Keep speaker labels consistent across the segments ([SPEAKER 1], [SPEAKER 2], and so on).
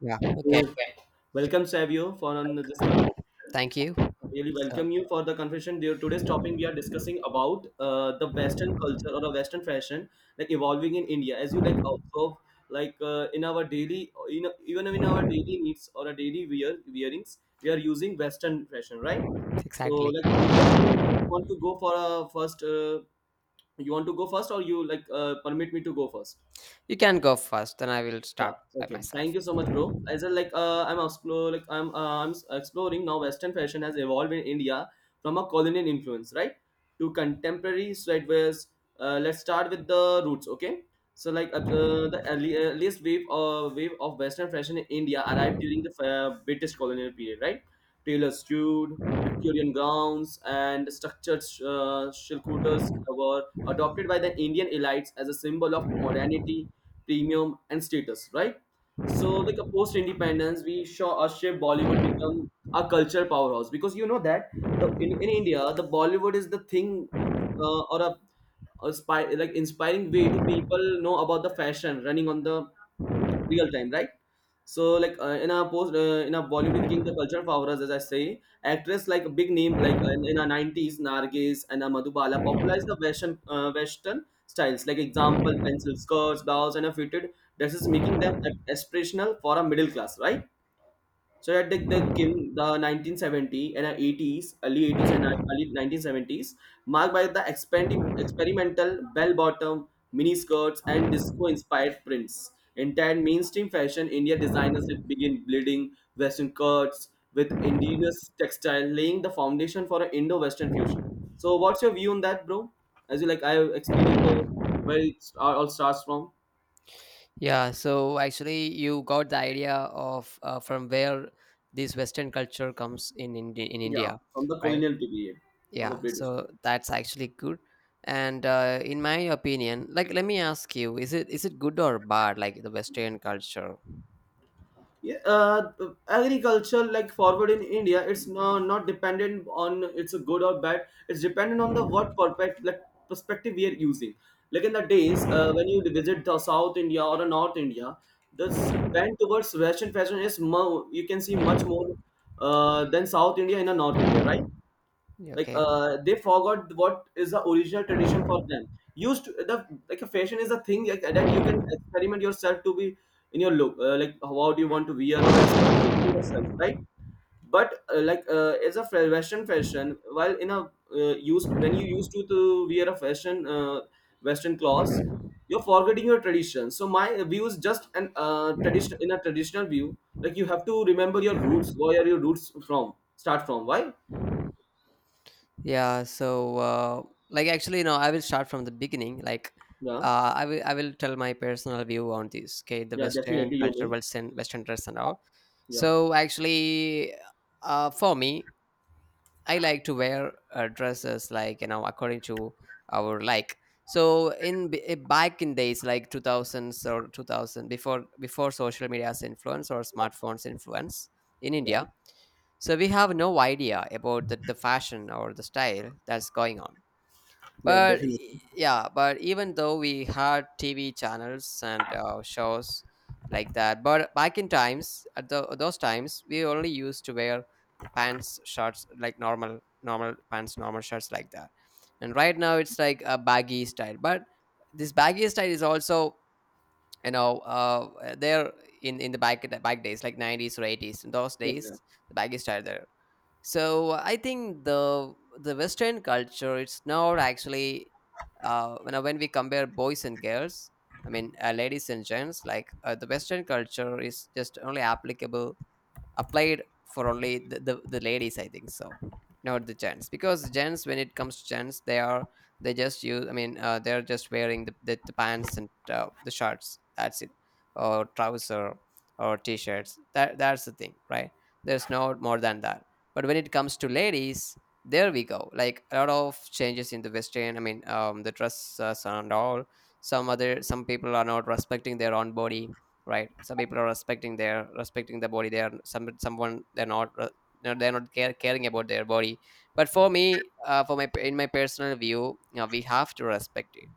[SPEAKER 1] Yeah. Okay.
[SPEAKER 2] So,
[SPEAKER 1] So,
[SPEAKER 2] welcome Savio for on this conversation.
[SPEAKER 1] thank you.
[SPEAKER 2] I really
[SPEAKER 1] So
[SPEAKER 2] welcome you for the conversation. Dear, today's topic we are discussing about the Western culture or the Western fashion, like evolving in India. As you like observe, in our daily, even in our daily needs or a daily wearings, we are using Western fashion, right? So,
[SPEAKER 1] exactly.
[SPEAKER 2] like you want to go for a first, you want to go first, or you like permit me to go first?
[SPEAKER 1] You can go first, then I will
[SPEAKER 2] Yeah.
[SPEAKER 1] start by
[SPEAKER 2] Okay. Thank
[SPEAKER 1] myself.
[SPEAKER 2] you so much, bro. As a, like, I'm explore like exploring now. Western fashion has evolved in India from a colonial influence, right, to contemporary streetwears. Let's start with the roots. Okay. So the early, earliest wave of Western fashion in India arrived during the British colonial period, right? Tailor stewed Victorian gowns and structured shilkutas were adopted by the Indian elites as a symbol of modernity, premium, and status, right? So, like a post independence, we saw a shape Bollywood become a culture powerhouse because you know that in India, the Bollywood is the thing uh, or a, a spy, like inspiring way to people know about the fashion running on the real time, right? So like in a post in a Bollywood became the culture for us as I say actress like a big name like in our 90s, Nargis and Madhubala popularized the Western styles like example pencil skirts, blouse and a fitted dresses, making them like aspirational for a middle class, right? So that the came the 1970 and 80s, early 80s and early 1970s, marked by the experimental bell-bottom miniskirts and disco-inspired prints. In turn, mainstream fashion, India designers did begin bleeding Western cuts with indigenous textile, laying the foundation for an Indo-Western fusion. So, what's your view on that, bro? As you like, I explained you the where it all starts from.
[SPEAKER 1] Yeah. So actually, you got the idea of from where this Western culture comes in in
[SPEAKER 2] Yeah,
[SPEAKER 1] India,
[SPEAKER 2] from the
[SPEAKER 1] right?
[SPEAKER 2] colonial period of a
[SPEAKER 1] Yeah.
[SPEAKER 2] British.
[SPEAKER 1] So that's actually good. And in my opinion, like, let me ask you: Is it good or bad? Like the Western culture?
[SPEAKER 2] yeah, uh, Agriculture like forward in India, it's not dependent on it's a good or bad. It's dependent on the what perfect like perspective we are using. Like in the days when you visit the South India or the North India, this bend towards Western fashion is more, you can see much more than South India in the North India, right? Like
[SPEAKER 1] Okay.
[SPEAKER 2] they forgot what is the original tradition for them used to, the like a fashion is a thing like, that you can experiment yourself to be in your look, like how do you want to wear or experiment in yourself, right? But as a western fashion while in a used when you used to wear a fashion, western clothes, you're forgetting your tradition. So my view is just an tradition in a traditional view, like you have to remember your roots, where are your roots from, start from why.
[SPEAKER 1] Yeah, so like actually, no. I will start from the beginning. Like,
[SPEAKER 2] Yeah.
[SPEAKER 1] I will tell my personal view on this. Okay, the
[SPEAKER 2] Yeah,
[SPEAKER 1] Western
[SPEAKER 2] definitely you
[SPEAKER 1] culture,
[SPEAKER 2] mean.
[SPEAKER 1] Western dress and all.
[SPEAKER 2] Yeah.
[SPEAKER 1] So actually, for me, I like to wear dresses like according to our like. So in back in days like two thousands or 2000 before social media's influence or smartphones influence in
[SPEAKER 2] Yeah.
[SPEAKER 1] India, so we have no idea about the fashion or the style that's going on,
[SPEAKER 2] Yeah,
[SPEAKER 1] but
[SPEAKER 2] definitely.
[SPEAKER 1] yeah, but even though we had TV channels and shows like that. But back in times at those times, we only used to wear the pants, shorts, like normal pants, normal shirts, like that. And right now it's like a baggy style, but this baggy style is also, there in the back days like 90s or 80s, in those
[SPEAKER 2] Yeah, yeah.
[SPEAKER 1] days, the baggy style there. So I think the Western culture, it's not actually, when we compare boys and girls, I mean, ladies and gents, like, the Western culture is just only applicable applied for only the ladies, I think so. Not the gents, because gents, when it comes to gents, they just use, I mean, they're just wearing the pants and the shirts, that's it. Or trouser or t-shirts, that's the thing, right? There's no more than that. But when it comes to ladies, there we go, like a lot of changes in the western, I mean, the dress and all. Some people are not respecting their own body, right? Some people are respecting their, respecting the body. They are, someone, they're not, they're not care, caring about their body. But for me, for my, in my personal view, we have to respect it.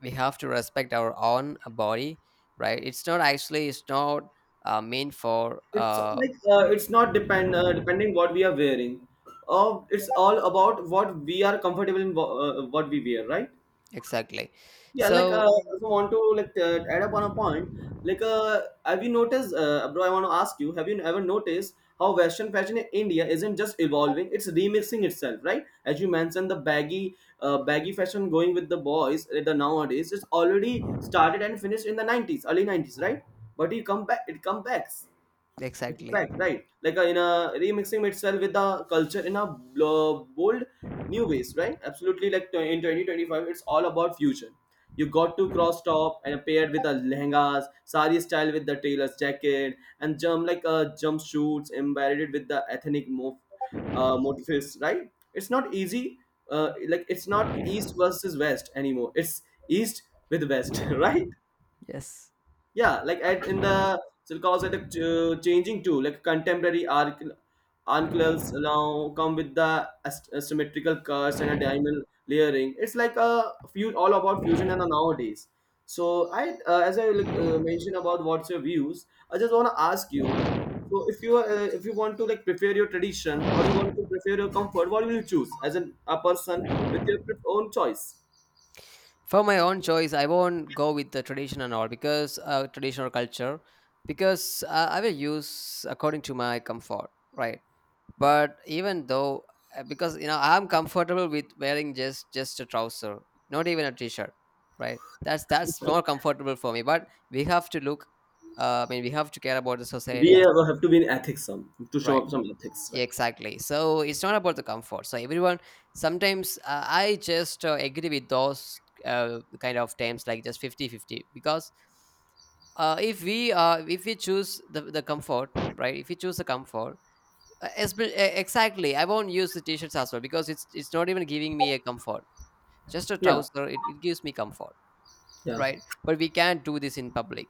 [SPEAKER 1] We have to respect our own body, right? It's not actually, it's not, meant for
[SPEAKER 2] It's like it's not depending what we are wearing. It's all about what we are comfortable in, what we wear, right?
[SPEAKER 1] exactly.
[SPEAKER 2] Yeah, like
[SPEAKER 1] So
[SPEAKER 2] so I also want to add up on a point. Like, have you noticed, bro? I want to ask you: Have you ever noticed how Western fashion in India isn't just evolving; it's remixing itself, right? As you mentioned, the baggy fashion going with the boys the nowadays is already started and finished in the 90s, early 90s, right? But you come back, it comes back. It's
[SPEAKER 1] exactly,
[SPEAKER 2] back, right? Like in a remixing itself with the culture in a bold new ways, right? Absolutely, like in 2025, it's all about fusion. You got to cross top and paired with the lehengas, sari style with the tailor's jacket, and jump like jumpsuits embroidered with the ethnic motifs, right? It's not easy, like it's not east versus west anymore. It's east with west, right?
[SPEAKER 1] yes.
[SPEAKER 2] Yeah, like at in the so it calls changing too, like contemporary arc uncles now come with the asymmetrical curves and a diamond layering. It's like a few all about fusion and a nowadays. So I as I like, mentioned about what's your views, I just want to ask you, so if you want to like prefer your tradition or you want to prefer your comfort, what will you choose as a person with your own choice?
[SPEAKER 1] For my own choice, I won't go with the tradition and all, because traditional culture, because I will use according to my comfort, right?
[SPEAKER 2] Yeah.
[SPEAKER 1] But even though, because I'm comfortable with wearing just a trouser, not even a t-shirt, right? That's more comfortable for me, but we have to look, I mean, we have to care about the society
[SPEAKER 2] We
[SPEAKER 1] as well,
[SPEAKER 2] have to be in ethics some, to show
[SPEAKER 1] right?
[SPEAKER 2] up some ethics, right?
[SPEAKER 1] Yeah, exactly. So it's not about the comfort. So everyone, sometimes, I just agree with those kind of terms like just 50-50, because, if we choose the comfort, right? If we choose the comfort, exactly, I won't use the t-shirts as well, because it's not even giving me a comfort. Just a
[SPEAKER 2] Yeah.
[SPEAKER 1] trouser, it gives me comfort,
[SPEAKER 2] Yeah,
[SPEAKER 1] right? But we can't do this in public.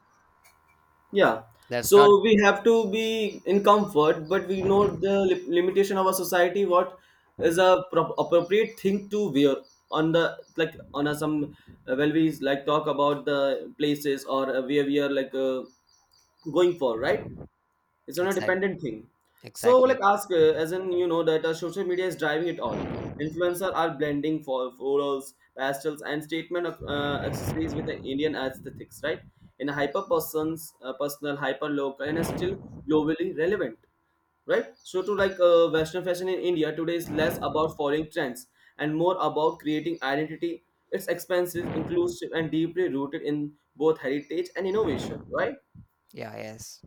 [SPEAKER 2] yeah.
[SPEAKER 1] That's not
[SPEAKER 2] So we have to be in comfort, but we know the limitation of our society. What is a appropriate thing to wear on the like on a some well we like talk about the places or where we are like going for, right? It's on a
[SPEAKER 1] exact.
[SPEAKER 2] dependent thing. So
[SPEAKER 1] Exactly.
[SPEAKER 2] like ask as in you know that social media is driving it all. Influencer are blending for florals, pastels and statement of accessories with an Indian aesthetics, right? In a hyper person's personal, hyper local and are still globally relevant, right? So to like western fashion in India today is less about following trends and more about creating identity. Its expenses inclusive and deeply rooted in both heritage and innovation, right?
[SPEAKER 1] Yeah, yes,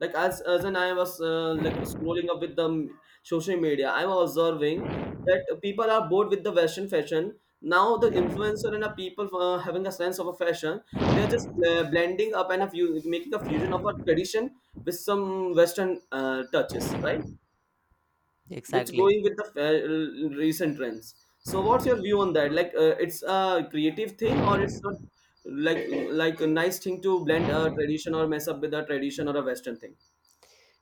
[SPEAKER 2] Like as and I was like scrolling up with the social media, I'm observing that people are bored with the western fashion. Now the influencer and the people having a sense of a fashion, they're just blending up and a few, making a fusion of a tradition with some western touches, right? Which
[SPEAKER 1] exactly.
[SPEAKER 2] going with the recent trends. So what's your view on that, like it's a creative thing or it's not, like like a nice thing to blend a tradition or mess up with a tradition or a western thing?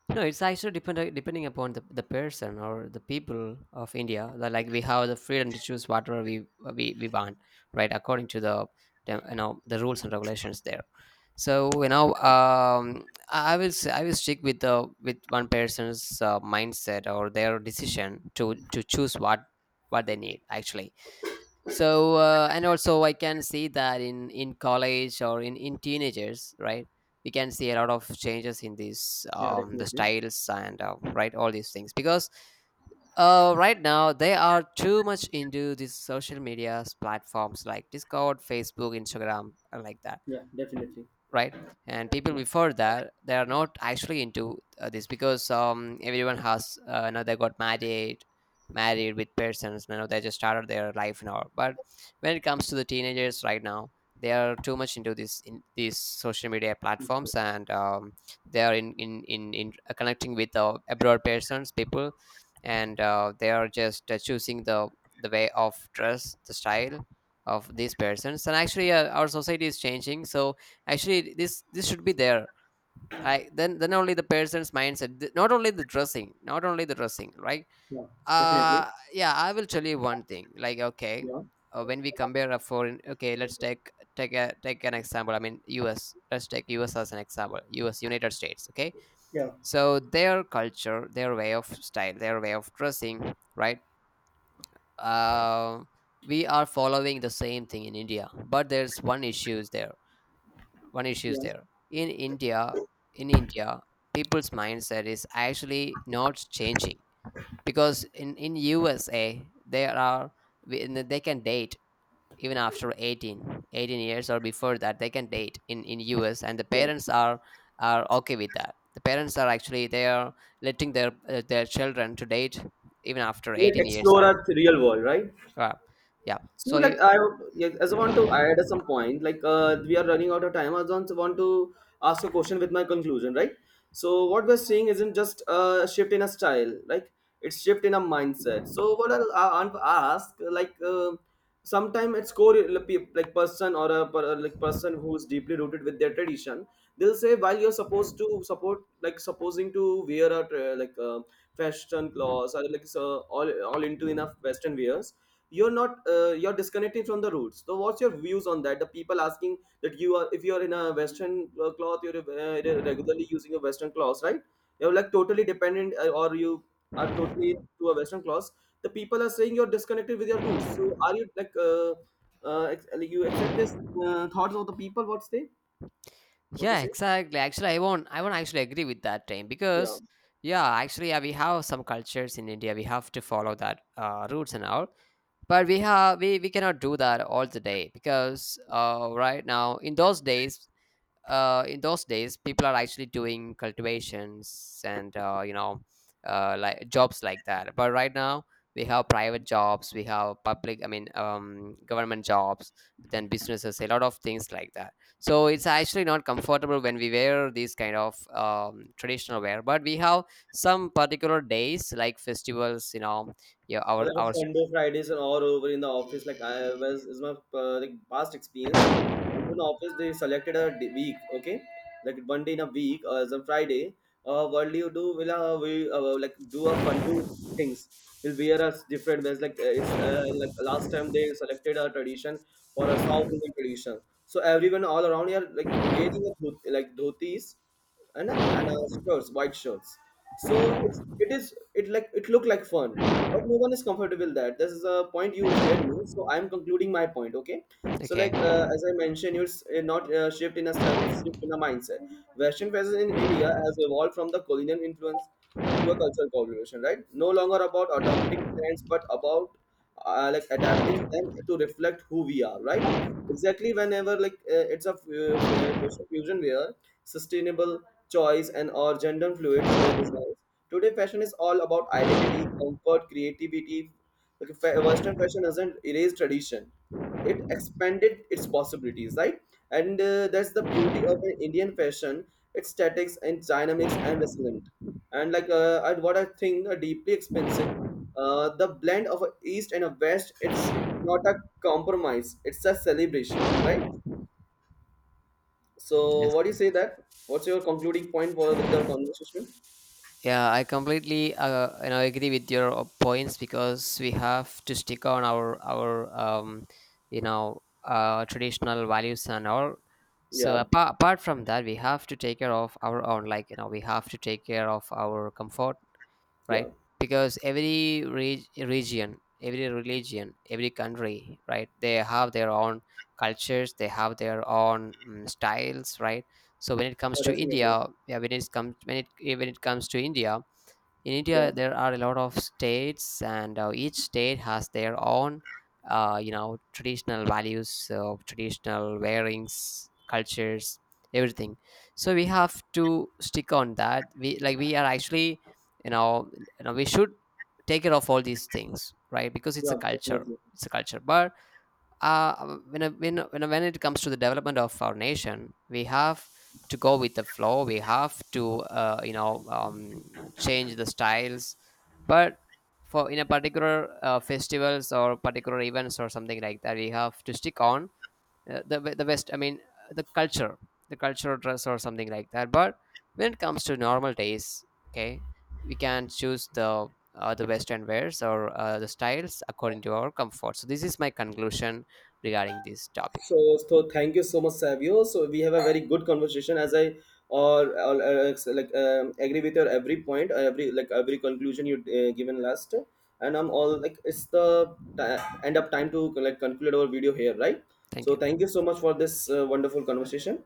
[SPEAKER 1] No, it's actually depending upon the person or the people of India. That, like, we have the freedom to choose whatever we want, right? According to the, the rules and regulations there. So, you know, I will s- I will stick with the with one person's mindset or their decision to choose what they need actually. So, and also I can see that in college or in teenagers, right? We can see a lot of changes in these,
[SPEAKER 2] Yeah,
[SPEAKER 1] the
[SPEAKER 2] definitely.
[SPEAKER 1] styles and, right, all these things, because, right now they are too much into these social media platforms like Discord, Facebook, Instagram, like that,
[SPEAKER 2] Yeah, definitely.
[SPEAKER 1] right? And people before that, they are not actually into this, because, everyone has, they got married with persons. They just started their life now. But when it comes to the teenagers right now, they are too much into this, in these social media
[SPEAKER 2] Okay.
[SPEAKER 1] platforms, and, they are in connecting with abroad persons people, and they are just choosing the way of dress, the style of these persons. And actually, our society is changing. So actually, this should be there. I, then only the person's mindset, not only the dressing, not only the dressing, right?
[SPEAKER 2] Yeah, definitely.
[SPEAKER 1] Yeah, I will tell you one thing, like, okay,
[SPEAKER 2] Yeah,
[SPEAKER 1] when we compare a foreign, okay, let's take, take a take an example, I mean, US. Let's take US as an example. US, United States. Okay.
[SPEAKER 2] yeah,
[SPEAKER 1] So their culture, their way of style, their way of dressing, right? uh, we are following the same thing in India, but there's one issue is
[SPEAKER 2] yeah.
[SPEAKER 1] there in india in india. People's mindset is actually not changing, because in USA there are, and they can date even after 18 years, or before that they can date in US. And the
[SPEAKER 2] Yeah.
[SPEAKER 1] parents are okay with that. The parents are actually they are letting their, children to date even after
[SPEAKER 2] Like
[SPEAKER 1] 18 years
[SPEAKER 2] explore
[SPEAKER 1] or.
[SPEAKER 2] our real world, right?
[SPEAKER 1] Wow. Yeah.
[SPEAKER 2] So
[SPEAKER 1] So you.
[SPEAKER 2] like I, yeah, as I want to add some point like we are running out of time. I just want to ask a question with my conclusion, right? So what we're seeing isn't just a shift in a style, like it's shift in a mindset. So I'll ask like sometimes it's core like person or a like person who's deeply rooted with their tradition. They'll say while you're supposed to support like supposing to wear a fashion clothes or like so all into enough western wears, you're not you're disconnected from the roots. So what's your views on that, the people asking that you are if you're in a western cloth, you're regularly using a western cloth, right? You're like totally dependent or you are totally to a western cloth. The people are saying you're disconnected with your roots. So are you like like you accept this thoughts of the people, what's they what they
[SPEAKER 1] Yeah,
[SPEAKER 2] say?
[SPEAKER 1] exactly. Actually, I won't actually agree with that, time,
[SPEAKER 2] Yeah.
[SPEAKER 1] because, yeah, actually, yeah, we have some cultures in India. We have to follow that, roots and all. But we have we cannot do that all the day, because, right now, in those days, in those days, people are actually doing cultivations and, like jobs like that. But right now, we have private jobs, we have public, I mean, government jobs, then businesses, a lot of things like that. So it's actually not comfortable when we wear these kind of, traditional wear. But we have some particular days like festivals, yeah,
[SPEAKER 2] Or like
[SPEAKER 1] our.
[SPEAKER 2] a Fundo Fridays are all over in the office. Like I was is my like past experience. And in office, they selected a week. Okay, like one day in a week as a Friday. What do you do? Will we like do a Fundo things? We'll wear a different ways. Like it's like last time they selected a tradition for a South Indian tradition. So everyone all around here like wearing a like dhotis and shirts, white shirts. So it's, it is it like it look like fun, but no one is comfortable with that. This is a point you shared me, so I'm concluding my point. Okay, so like
[SPEAKER 1] Okay.
[SPEAKER 2] as I mentioned, it's not shift in a style; it's shift in a mindset. Western fashion in India has evolved from the colonial influence to a cultural collaboration, right? No longer about adopting trends, but about like adapting them to reflect who we are, right? Exactly. Whenever like it's a fashion fusion wear, sustainable choice and our gender fluid designs, today fashion is all about identity, comfort, creativity. Like western fashion doesn't erase tradition, it expanded its possibilities, right? And that's the beauty of an Indian fashion. Its statics and dynamics and resilient. And like what I think are deeply expensive, the blend of a east and a west, it's not a compromise, it's a celebration, right? So
[SPEAKER 1] Yes.
[SPEAKER 2] what do you say that, what's your concluding point for with the conversation?
[SPEAKER 1] Yeah, I completely, agree with your, points, because we have to stick on our traditional values and all. So,
[SPEAKER 2] Yeah.
[SPEAKER 1] apart from that, we have to take care of our own. Like, we have to take care of our comfort, right?
[SPEAKER 2] Yeah.
[SPEAKER 1] Because every region, every religion, every country, right? They have their own cultures. They have their own styles, right? So when it comes
[SPEAKER 2] Oh,
[SPEAKER 1] to
[SPEAKER 2] definitely.
[SPEAKER 1] India, yeah, when it comes to India, in
[SPEAKER 2] Yeah.
[SPEAKER 1] India, there are a lot of states, and, each state has their own, traditional values, traditional wearings, cultures, everything. So we have to stick on that. We are actually, you know, we should take care of all these things, right? Because it's
[SPEAKER 2] Yeah,
[SPEAKER 1] a culture.
[SPEAKER 2] definitely.
[SPEAKER 1] It's a culture. But, when, I- when it comes to the development of our nation, we have to go with the flow. We have to, change the styles. But for in a particular, festivals or particular events or something like that, we have to stick on, the West. I mean, uh, the culture, the cultural dress or something like that. But when it comes to normal days, okay, we can choose the Western wears, or, the styles according to our comfort. So this is my conclusion regarding this topic.
[SPEAKER 2] So, so thank you so much, Savio. So we have a very good conversation, as I or, agree with your every point, every like every conclusion you given last, and I'm all like it's the end up time to like conclude our video here, right?
[SPEAKER 1] Thank
[SPEAKER 2] So thank
[SPEAKER 1] you.
[SPEAKER 2] you so much for this wonderful conversation.